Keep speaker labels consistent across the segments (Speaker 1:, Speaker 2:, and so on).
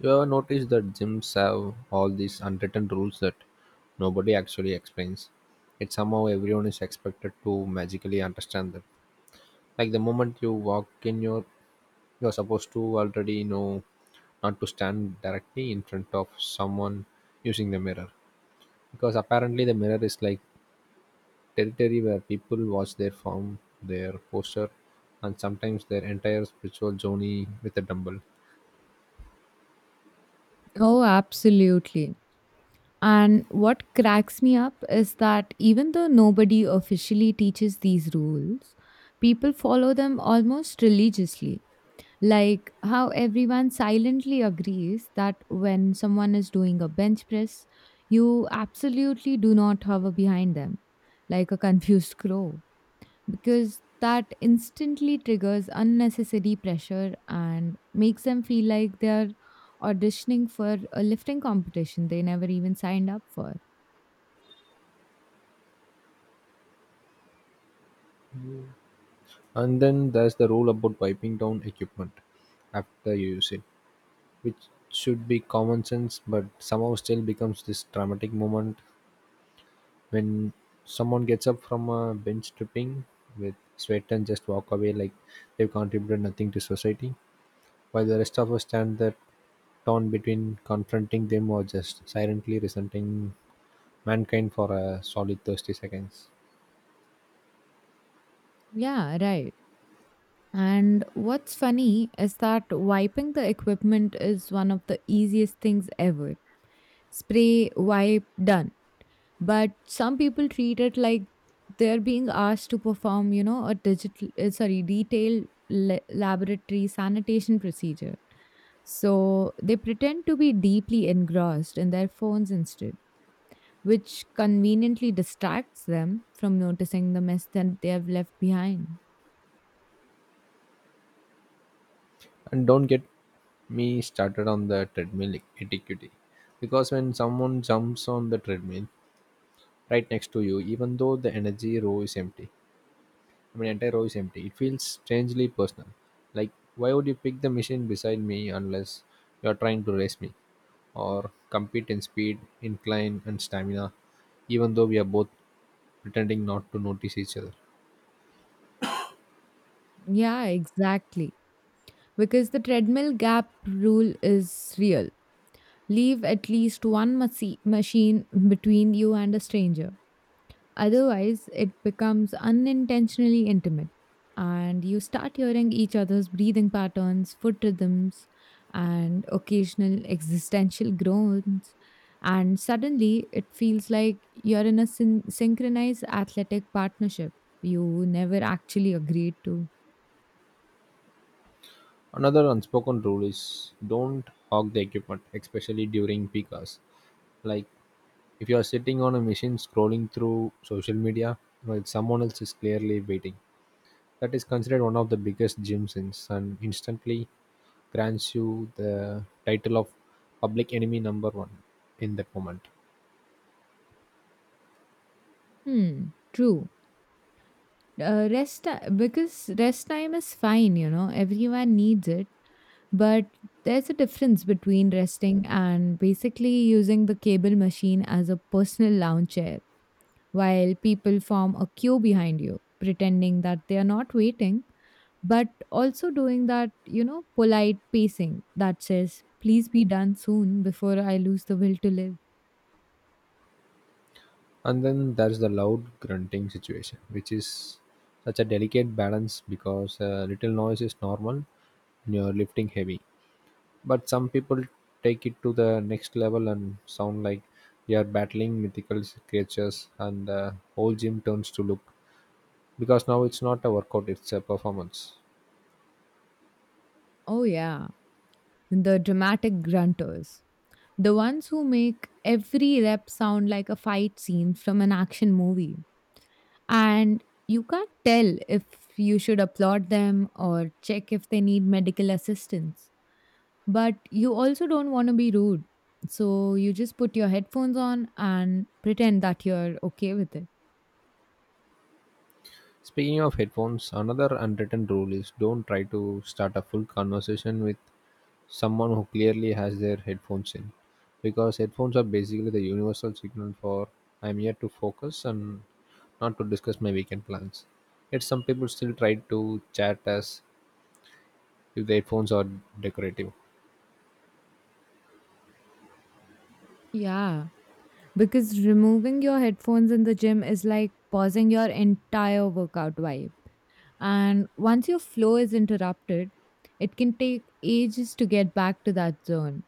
Speaker 1: You ever notice that gyms have all these unwritten rules that nobody actually explains? It's somehow everyone is expected to magically understand them. Like the moment you walk in, you're supposed to already know not to stand directly in front of someone using the mirror. Because apparently, the mirror is like territory where people watch their form, their posture, and sometimes their entire spiritual journey with a dumbbell.
Speaker 2: Oh, absolutely. And what cracks me up is that even though nobody officially teaches these rules, people follow them almost religiously. Like how everyone silently agrees that when someone is doing a bench press, you absolutely do not hover behind them like a confused crow because that instantly triggers unnecessary pressure and makes them feel like they're auditioning for a lifting competition they never even signed up for.
Speaker 1: And then there's the rule about wiping down equipment after you use it, which should be common sense but somehow still becomes this dramatic moment when someone gets up from a bench tripping with sweat and just walk away like they've contributed nothing to society, while the rest of us stand there torn between confronting them or just silently resenting mankind for a solid 30 seconds.
Speaker 2: Yeah, right. And what's funny is that wiping the equipment is one of the easiest things ever. Spray, wipe, done. But some people treat it like they're being asked to perform a digital sorry detailed laboratory sanitation procedure, so they pretend to be deeply engrossed in their phones instead, which conveniently distracts them from noticing the mess that they have left behind.
Speaker 1: And don't get me started on the treadmill etiquette, because when someone jumps on the treadmill right next to you even though the energy row is empty, I mean entire row is empty, it feels strangely personal. Like, why would you pick the machine beside me unless you're trying to race me or compete in speed, incline, and stamina even though we are both pretending not to notice each other?
Speaker 2: Yeah, exactly. Because the treadmill gap rule is real. Leave at least one machine between you and a stranger. Otherwise, it becomes unintentionally intimate, and you start hearing each other's breathing patterns, foot rhythms, and occasional existential groans. And suddenly, it feels like you're in a synchronized athletic partnership you never actually agreed to.
Speaker 1: Another unspoken rule is don't hog the equipment, especially during peak hours. Like, if you're sitting on a machine scrolling through social media while someone else is clearly waiting, that is considered one of the biggest gym sins and instantly grants you the title of public enemy number one in that moment.
Speaker 2: Hmm, True. Because rest time is fine, everyone needs it, but there's a difference between resting and basically using the cable machine as a personal lounge chair, while people form a queue behind you, pretending that they are not waiting, but also doing that, polite pacing that says, please be done soon before I lose the will to live.
Speaker 1: And then there's the loud grunting situation, which is such a delicate balance because a little noise is normal when you're lifting heavy. But some people take it to the next level and sound like they are battling mythical creatures, and the whole gym turns to look because now it's not a workout, it's a performance.
Speaker 2: Oh, yeah, the dramatic grunters. The ones who make every rep sound like a fight scene from an action movie. And you can't tell if you should applaud them or check if they need medical assistance. But you also don't want to be rude. So you just put your headphones on and pretend that you're okay with it.
Speaker 1: Speaking of headphones, another unwritten rule is don't try to start a full conversation with someone who clearly has their headphones in, because headphones are basically the universal signal for I'm here to focus and not to discuss my weekend plans. Yet some people still try to chat as if the headphones are decorative.
Speaker 2: Yeah. Because removing your headphones in the gym is like pausing your entire workout vibe. And once your flow is interrupted, it can take ages to get back to that zone.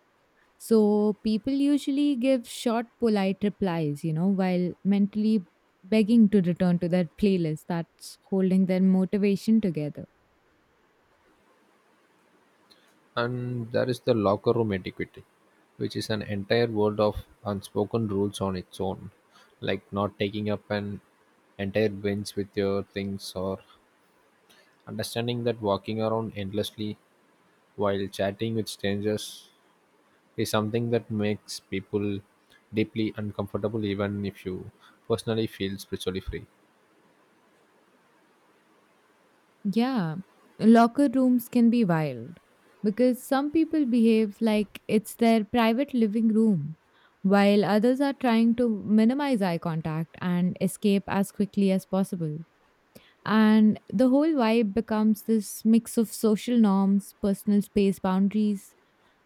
Speaker 2: So people usually give short, polite replies, while mentally begging to return to their playlist that's holding their motivation together.
Speaker 1: And there is the locker room etiquette, which is an entire world of unspoken rules on its own, like not taking up an entire bench with your things, or understanding that walking around endlessly while chatting with strangers is something that makes people deeply uncomfortable even if you personally feel spiritually free.
Speaker 2: Yeah, locker rooms can be wild because some people behave like it's their private living room, while others are trying to minimize eye contact and escape as quickly as possible. And the whole vibe becomes this mix of social norms, personal space boundaries,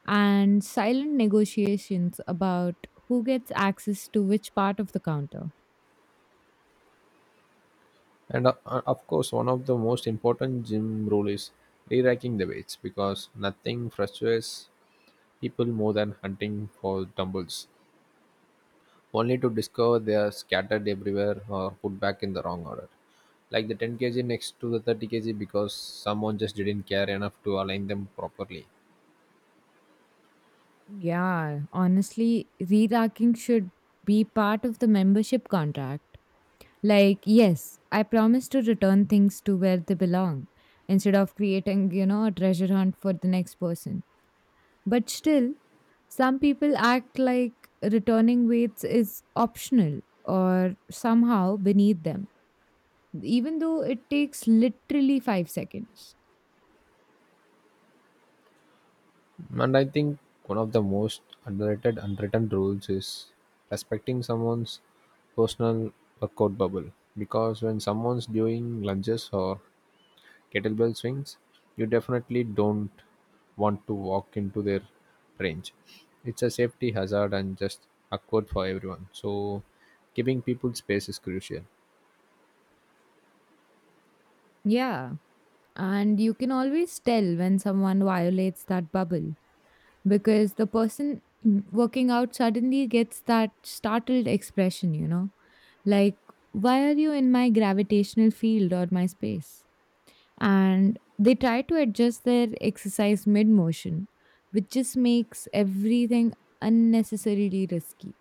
Speaker 2: and silent negotiations about who gets access to which part of the counter.
Speaker 1: And of course, one of the most important gym rule is reracking the weights, because nothing frustrates people more than hunting for dumbbells, only to discover they are scattered everywhere or put back in the wrong order. Like the 10 kg next to the 30 kg because someone just didn't care enough to align them properly.
Speaker 2: Yeah, honestly, re racking should be part of the membership contract. Like, yes, I promise to return things to where they belong instead of creating, a treasure hunt for the next person. But still, some people act like returning weights is optional or somehow beneath them, even though it takes literally 5 seconds.
Speaker 1: And I think one of the most underrated, unwritten rules is respecting someone's personal workout bubble, because when someone's doing lunges or kettlebell swings, you definitely don't want to walk into their range. It's a safety hazard and just awkward for everyone. So, giving people space is crucial.
Speaker 2: Yeah. And you can always tell when someone violates that bubble because the person working out suddenly gets that startled expression. Like, why are you in my gravitational field or my space? And they try to adjust their exercise mid motion, which just makes everything unnecessarily risky.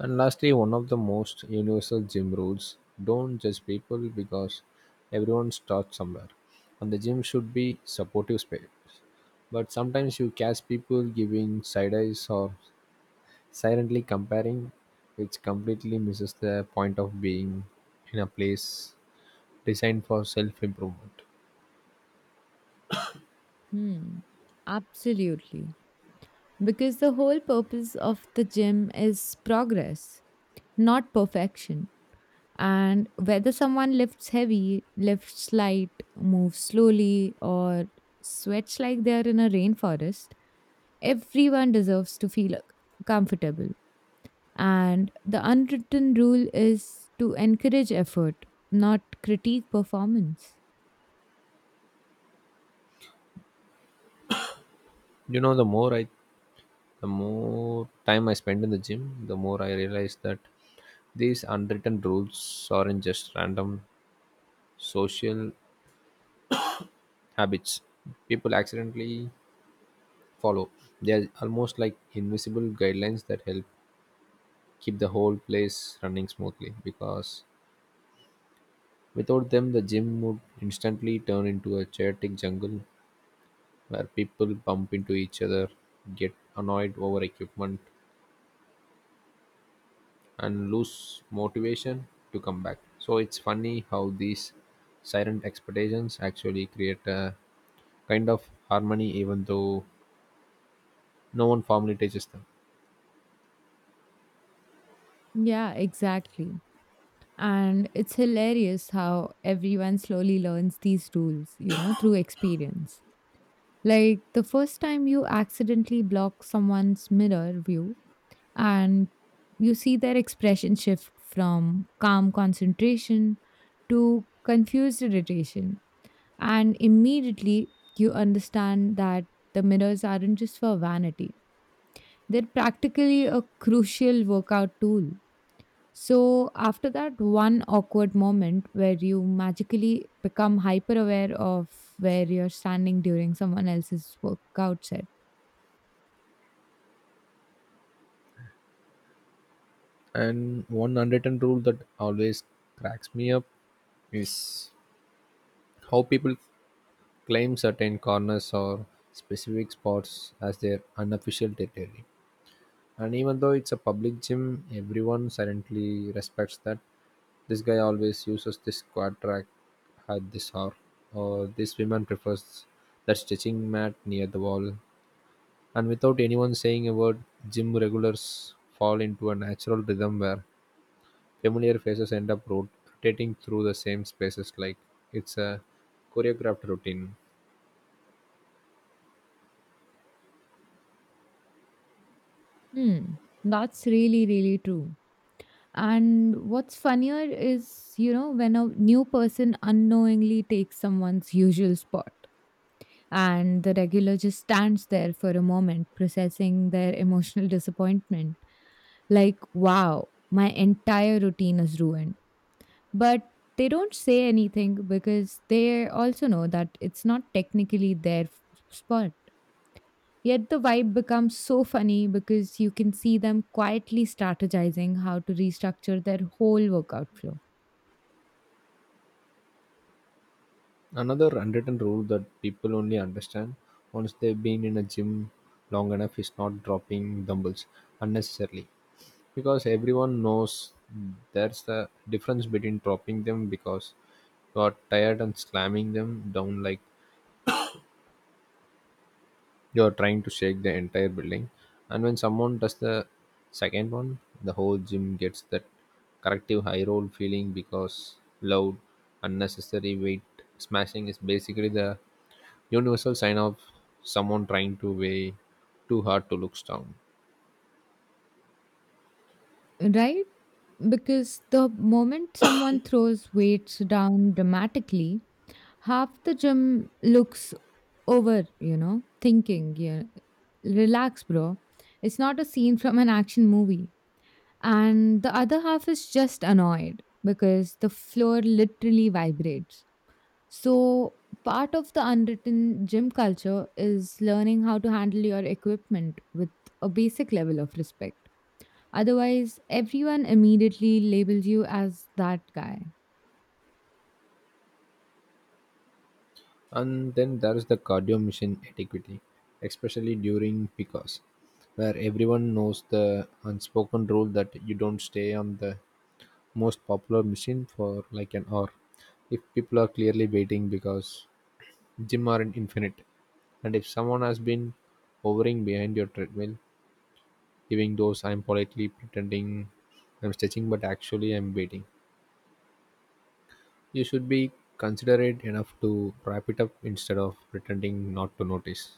Speaker 1: And lastly, one of the most universal gym rules: don't judge people, because everyone starts somewhere. And the gym should be supportive space. But sometimes you catch people giving side eyes or silently comparing, which completely misses the point of being in a place designed for self improvement.
Speaker 2: Hmm. Absolutely. Because the whole purpose of the gym is progress, not perfection. And whether someone lifts heavy, lifts light, moves slowly, or sweats like they're in a rainforest, everyone deserves to feel comfortable. And the unwritten rule is to encourage effort, not critique performance.
Speaker 1: You know, the more time I spend in the gym, the more I realize that these unwritten rules aren't just random social habits people accidentally follow. They are almost like invisible guidelines that help keep the whole place running smoothly, because without them, the gym would instantly turn into a chaotic jungle where people bump into each other, get annoyed over equipment, and lose motivation to come back. So it's funny how these silent expectations actually create a kind of harmony, even though no one formally teaches them.
Speaker 2: Yeah, exactly. And it's hilarious how everyone slowly learns these rules, through experience. Like the first time you accidentally block someone's mirror view and you see their expression shift from calm concentration to confused irritation. And immediately you understand that the mirrors aren't just for vanity, they're practically a crucial workout tool. So, after that one awkward moment where you magically become hyper aware of where you're standing during someone else's workout session.
Speaker 1: And one unwritten rule that always cracks me up is how people claim certain corners or specific spots as their unofficial territory. And even though it's a public gym, everyone silently respects that. This guy always uses this quad-rack at this hour. Or this woman prefers that stretching mat near the wall. And without anyone saying a word, gym regulars fall into a natural rhythm where familiar faces end up rotating through the same spaces like it's a choreographed routine.
Speaker 2: Hmm, that's really, really true. And what's funnier is, when a new person unknowingly takes someone's usual spot and the regular just stands there for a moment, processing their emotional disappointment. Like, wow, my entire routine is ruined. But they don't say anything because they also know that it's not technically their spot. Yet the vibe becomes so funny because you can see them quietly strategizing how to restructure their whole workout flow.
Speaker 1: Another unwritten rule that people only understand once they've been in a gym long enough is not dropping dumbbells unnecessarily. Because everyone knows that's the difference between dropping them because you are tired and slamming them down like you are trying to shake the entire building. And when someone does the second one, the whole gym gets that corrective high roll feeling, because loud unnecessary weight smashing is basically the universal sign of someone trying to weigh too hard to look strong.
Speaker 2: Right? Because the moment someone throws weights down dramatically, half the gym looks over, thinking, yeah, relax, bro. It's not a scene from an action movie. And the other half is just annoyed because the floor literally vibrates. So, part of the unwritten gym culture is learning how to handle your equipment with a basic level of respect. Otherwise, everyone immediately labels you as that guy.
Speaker 1: And then there is the cardio mission etiquette, especially during PCOS, where everyone knows the unspoken rule that you don't stay on the most popular machine for like an hour if people are clearly waiting, because gym aren't infinite. And if someone has been hovering behind your treadmill, giving those I'm politely pretending I'm stretching but actually I'm waiting, you should be considerate enough to wrap it up instead of pretending not to notice.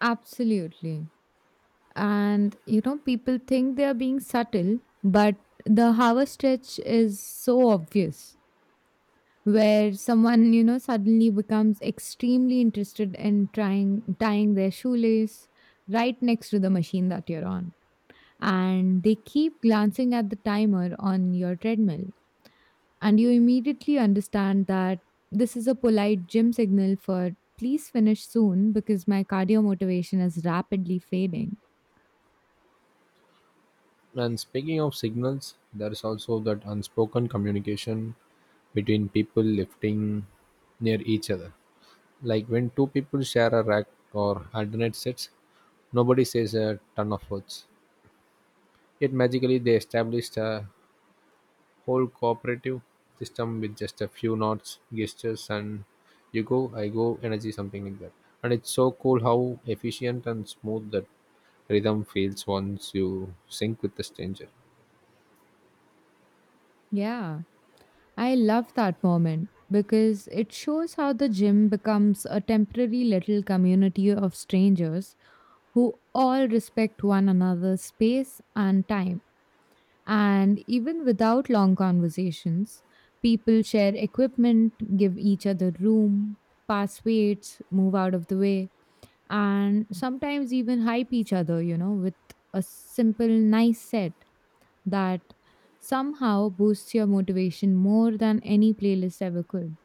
Speaker 2: Absolutely. And people think they are being subtle, but the hour stretch is so obvious, where someone, suddenly becomes extremely interested in trying tying their shoelace right next to the machine that you're on, and they keep glancing at the timer on your treadmill. And you immediately understand that this is a polite gym signal for please finish soon because my cardio motivation is rapidly fading.
Speaker 1: And speaking of signals, there is also that unspoken communication between people lifting near each other. Like when two people share a rack or alternate sets, nobody says a ton of words. Yet magically, they established a whole cooperative system with just a few nods, gestures, and you go, I go, energy, something like that. And it's so cool how efficient and smooth that rhythm feels once you sync with the stranger.
Speaker 2: Yeah. I love that moment because it shows how the gym becomes a temporary little community of strangers who all respect one another's space and time. And even without long conversations, people share equipment, give each other room, pass weights, move out of the way, and sometimes even hype each other, with a simple, nice set that somehow boosts your motivation more than any playlist ever could.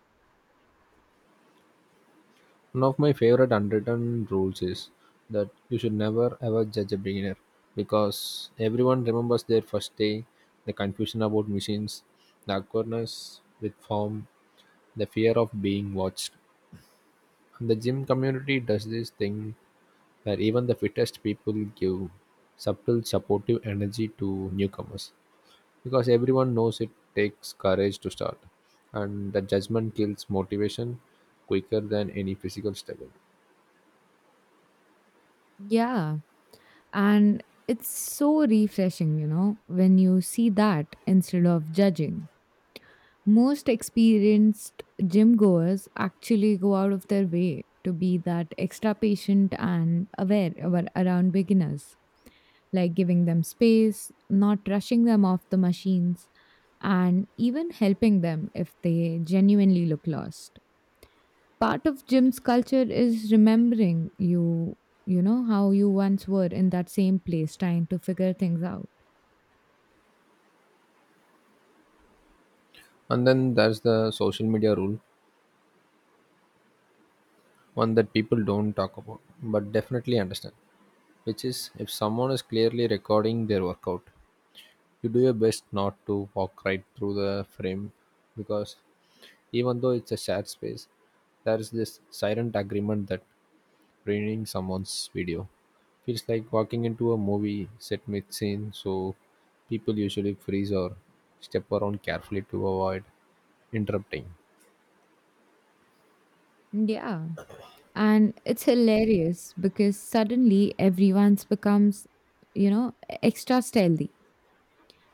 Speaker 1: One of my favorite unwritten rules is that you should never ever judge a beginner, because everyone remembers their first day, the confusion about machines, the awkwardness with form, the fear of being watched. And the gym community does this thing where even the fittest people give subtle supportive energy to newcomers, because everyone knows it takes courage to start, and the judgment kills motivation quicker than any physical struggle.
Speaker 2: Yeah. And it's so refreshing, when you see that instead of judging. Most experienced gym goers actually go out of their way to be that extra patient and aware about, around beginners, like giving them space, not rushing them off the machines, and even helping them if they genuinely look lost. Part of gym's culture is remembering how you once were in that same place trying to figure things out.
Speaker 1: And then there's the social media rule, one that people don't talk about, but definitely understand, which is if someone is clearly recording their workout, you do your best not to walk right through the frame, because even though it's a shared space, there is this silent agreement that ruining someone's video feels like walking into a movie set mid scene, so people usually freeze or step around carefully to avoid interrupting.
Speaker 2: Yeah. And it's hilarious because suddenly everyone's becomes, extra stealthy,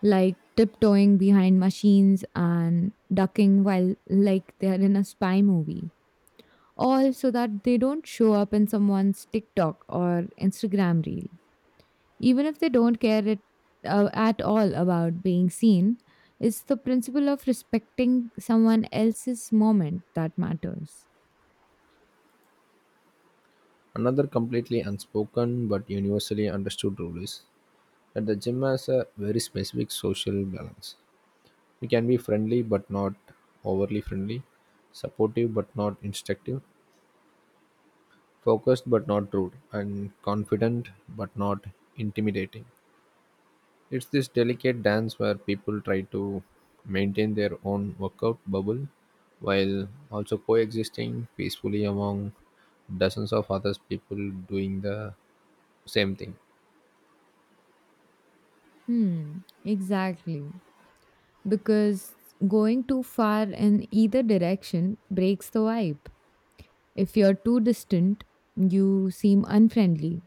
Speaker 2: like tiptoeing behind machines and ducking while like they're in a spy movie, all so that they don't show up in someone's TikTok or Instagram reel. Even if they don't care at all about being seen, it's the principle of respecting someone else's moment that matters.
Speaker 1: Another completely unspoken but universally understood rule is that the gym has a very specific social balance. We can be friendly but not overly friendly, supportive but not instructive, focused but not rude, and confident but not intimidating. It's this delicate dance where people try to maintain their own workout bubble while also coexisting peacefully among dozens of other people doing the same thing.
Speaker 2: Hmm, exactly. Because going too far in either direction breaks the vibe. If you're too distant, you seem unfriendly.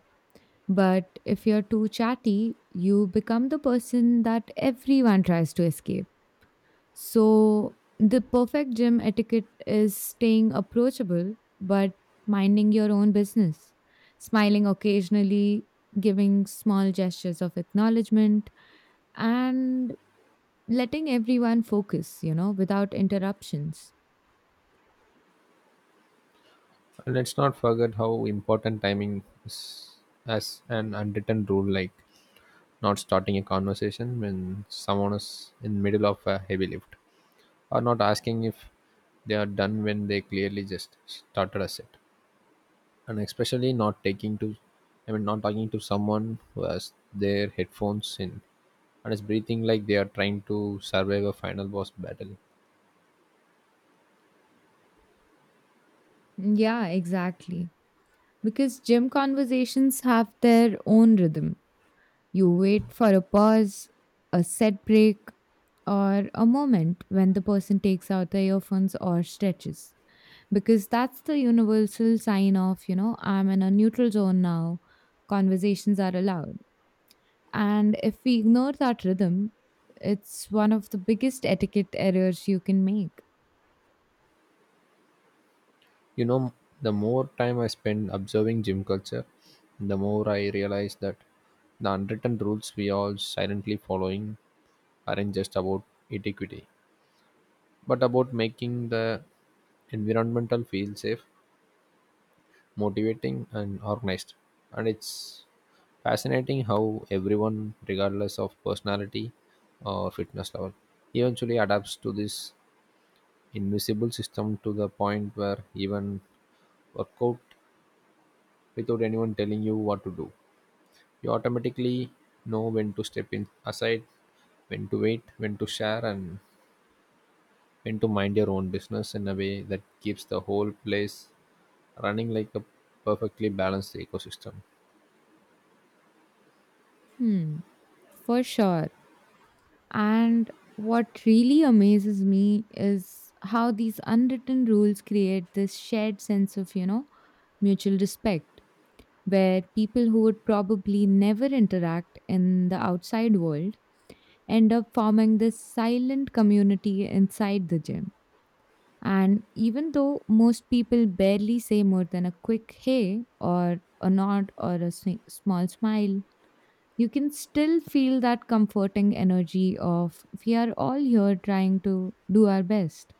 Speaker 2: But if you're too chatty, you become the person that everyone tries to escape. So, the perfect gym etiquette is staying approachable but minding your own business, smiling occasionally, giving small gestures of acknowledgement, and letting everyone focus, without interruptions.
Speaker 1: Let's not forget how important timing is as an unwritten rule, like not starting a conversation when someone is in middle of a heavy lift, or not asking if they are done when they clearly just started a set, and especially not taking to, I mean, not talking to someone who has their headphones in and is breathing like they are trying to survive a final boss battle.
Speaker 2: Yeah, exactly. Because gym conversations have their own rhythm. You wait for a pause, a set break, or a moment when the person takes out the earphones or stretches, because that's the universal sign of I'm in a neutral zone now, conversations are allowed. And if we ignore that rhythm, it's one of the biggest etiquette errors you can make.
Speaker 1: You know, the more time I spend observing gym culture, the more I realize that the unwritten rules we all silently following aren't just about etiquette, but about making the environmental feel safe, motivating, and organized. And it's fascinating how everyone, regardless of personality or fitness level, eventually adapts to this invisible system to the point where even work out without anyone telling you what to do, you automatically know when to step in aside, when to wait, when to share, and when to mind your own business in a way that keeps the whole place running like a perfectly balanced ecosystem.
Speaker 2: Hmm, for sure. And what really amazes me is how these unwritten rules create this shared sense of, mutual respect, where people who would probably never interact in the outside world end up forming this silent community inside the gym. And even though most people barely say more than a quick hey or a nod or a small smile, you can still feel that comforting energy of we are all here trying to do our best,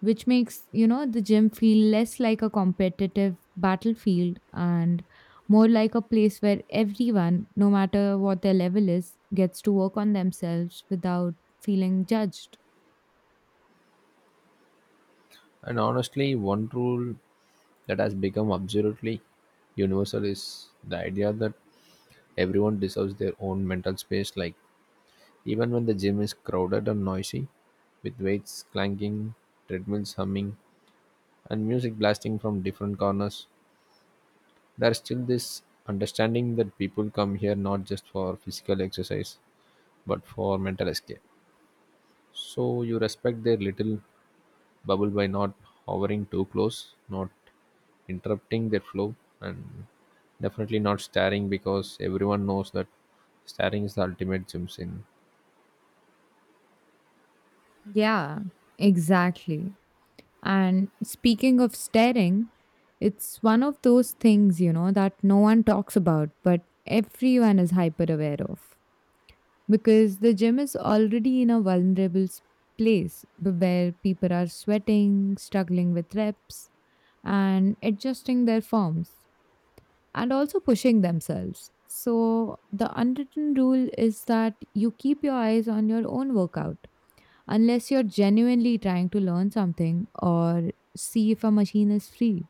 Speaker 2: which makes, the gym feel less like a competitive battlefield and more like a place where everyone, no matter what their level is, gets to work on themselves without feeling judged.
Speaker 1: And honestly, one rule that has become absolutely universal is the idea that everyone deserves their own mental space. Like, even when the gym is crowded and noisy, with weights clanking, treadmills humming, and music blasting from different corners, there's still this understanding that people come here not just for physical exercise, but for mental escape. So you respect their little bubble by not hovering too close, not interrupting their flow, and definitely not staring, because everyone knows that staring is the ultimate gym sin.
Speaker 2: Yeah, exactly. And speaking of staring, it's one of those things, that no one talks about but everyone is hyper aware of, because the gym is already in a vulnerable place where people are sweating, struggling with reps, and adjusting their forms and also pushing themselves. So, the unwritten rule is that you keep your eyes on your own workout unless you're genuinely trying to learn something or see if a machine is free.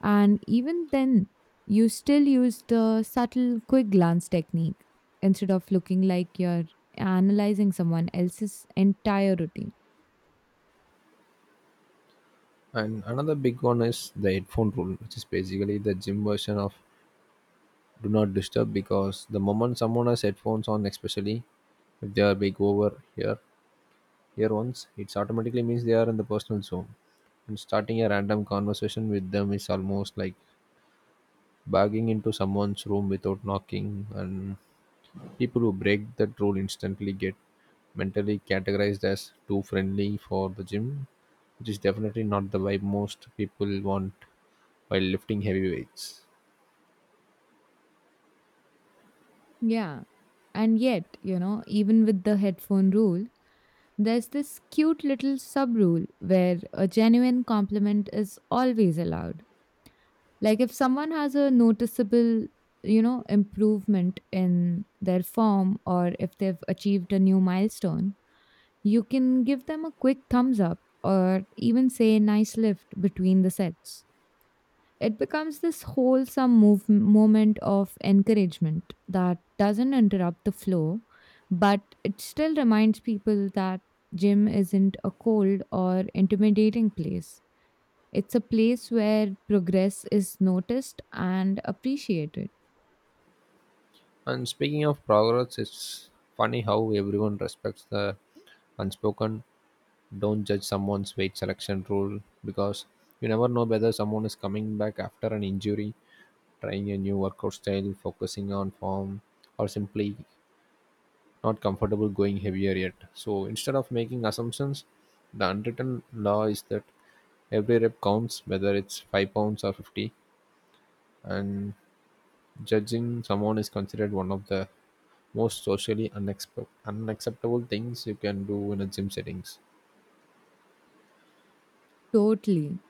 Speaker 2: And even then, you still use the subtle quick glance technique instead of looking like you're analyzing someone else's entire routine.
Speaker 1: And another big one is the headphone rule, which is basically the gym version of do not disturb, because the moment someone has headphones on, especially if they are big over here, here once, it automatically means they are in the personal zone. And starting a random conversation with them is almost like barging into someone's room without knocking. And people who break that rule instantly get mentally categorized as too friendly for the gym, which is definitely not the vibe most people want while lifting heavy weights.
Speaker 2: Yeah. And yet, even with the headphone rule, there's this cute little sub rule where a genuine compliment is always allowed. Like if someone has a noticeable, improvement in their form, or if they've achieved a new milestone, you can give them a quick thumbs up or even say nice lift between the sets. It becomes this wholesome moment of encouragement that doesn't interrupt the flow, but it still reminds people that gym isn't a cold or intimidating place. It's a place where progress is noticed and appreciated.
Speaker 1: And speaking of progress, it's funny how everyone respects the unspoken don't judge someone's weight selection rule, because you never know whether someone is coming back after an injury, trying a new workout style, focusing on form, or simply not comfortable going heavier yet. So instead of making assumptions, the unwritten law is that every rep counts, whether it's 5 pounds or 50, and judging someone is considered one of the most socially unacceptable things you can do in a gym settings.
Speaker 2: Totally.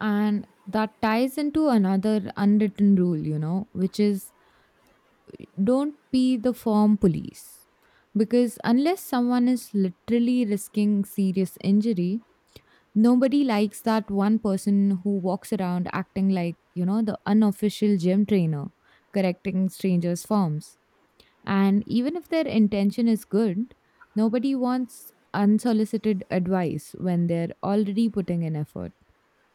Speaker 2: And that ties into another unwritten rule, which is don't be the form police. Because unless someone is literally risking serious injury, nobody likes that one person who walks around acting like, the unofficial gym trainer correcting strangers' forms. And even if their intention is good, nobody wants unsolicited advice when they're already putting in effort.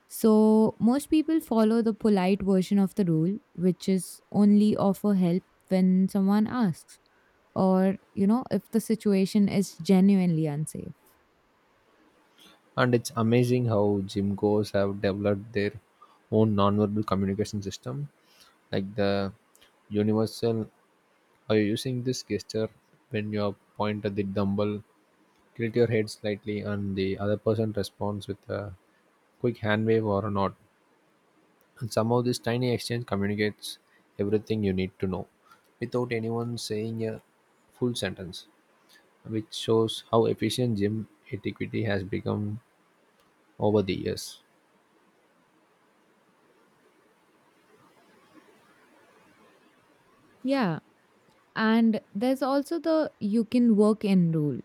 Speaker 2: So, most people follow the polite version of the rule, which is only offer help when someone asks or, if the situation is genuinely unsafe.
Speaker 1: And it's amazing how gym goers have developed their own nonverbal communication system, like the universal are you using this gesture, when you point at the dumbbell, tilt your head slightly, and the other person responds with a quick hand wave or a nod. And somehow this tiny exchange communicates everything you need to know without anyone saying a full sentence, which shows how efficient gym etiquette has become over the years.
Speaker 2: Yeah. And there's also the you can work in rule,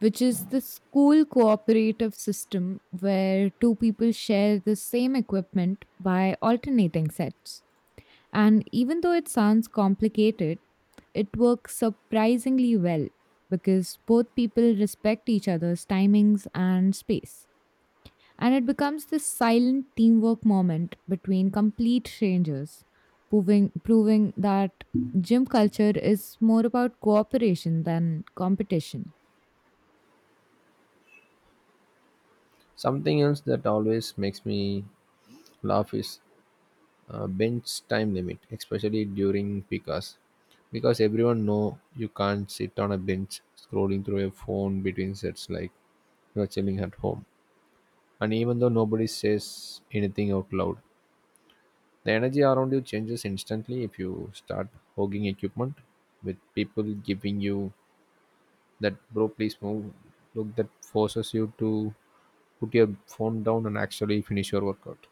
Speaker 2: which is the school cooperative system where two people share the same equipment by alternating sets. And even though it sounds complicated, it works surprisingly well because both people respect each other's timings and space. And it becomes this silent teamwork moment between complete strangers, proving that gym culture is more about cooperation than competition.
Speaker 1: Something else that always makes me laugh is bench time limit, especially during PICAS. Because everyone know you can't sit on a bench scrolling through a phone between sets like you're chilling at home. And even though nobody says anything out loud, the energy around you changes instantly if you start hogging equipment, with people giving you that bro please move look that forces you to put your phone down and actually finish your workout.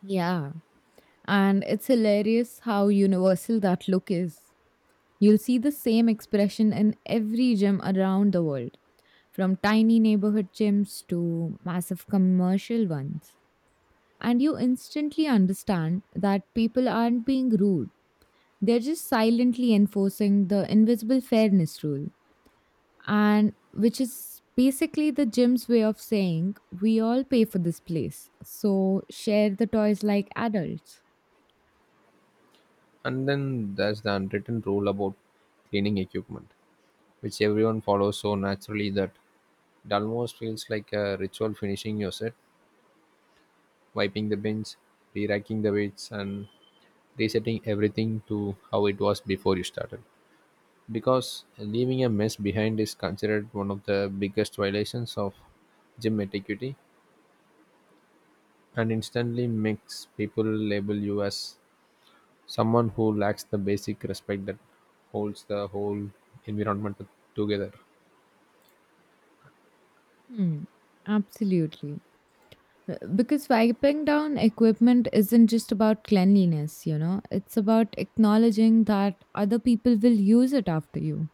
Speaker 2: Yeah. And it's hilarious how universal that look is. You'll see the same expression in every gym around the world, from tiny neighborhood gyms to massive commercial ones. And you instantly understand that people aren't being rude, they're just silently enforcing the invisible fairness rule, and which is basically the gym's way of saying we all pay for this place, so share the toys like adults.
Speaker 1: And then there's the unwritten rule about cleaning equipment, which everyone follows so naturally that it almost feels like a ritual: finishing your set, wiping the bench, re racking the weights, and resetting everything to how it was before you started. Because leaving a mess behind is considered one of the biggest violations of gym etiquette and instantly makes people label you as someone who lacks the basic respect that holds the whole environment together.
Speaker 2: Hmm, absolutely. Because wiping down equipment isn't just about cleanliness, it's about acknowledging that other people will use it after you,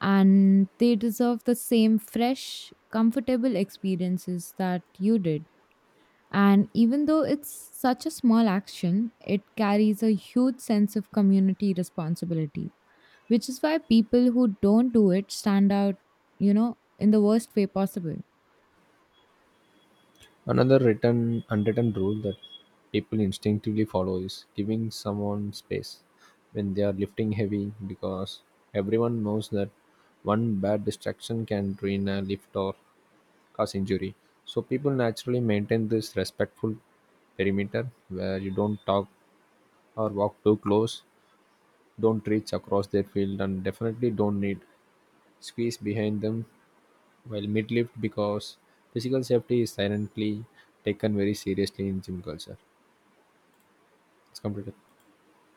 Speaker 2: and they deserve the same fresh, comfortable experiences that you did. And even though it's such a small action, it carries a huge sense of community responsibility, which is why people who don't do it stand out, in the worst way possible.
Speaker 1: Another written unwritten rule that people instinctively follow is giving someone space when they are lifting heavy, because everyone knows that one bad distraction can ruin a lift or cause injury. So people naturally maintain this respectful perimeter where you don't talk or walk too close, don't reach across their field, and definitely don't need squeeze behind them while mid lift, because physical safety is silently taken very seriously in gym culture. It's completed.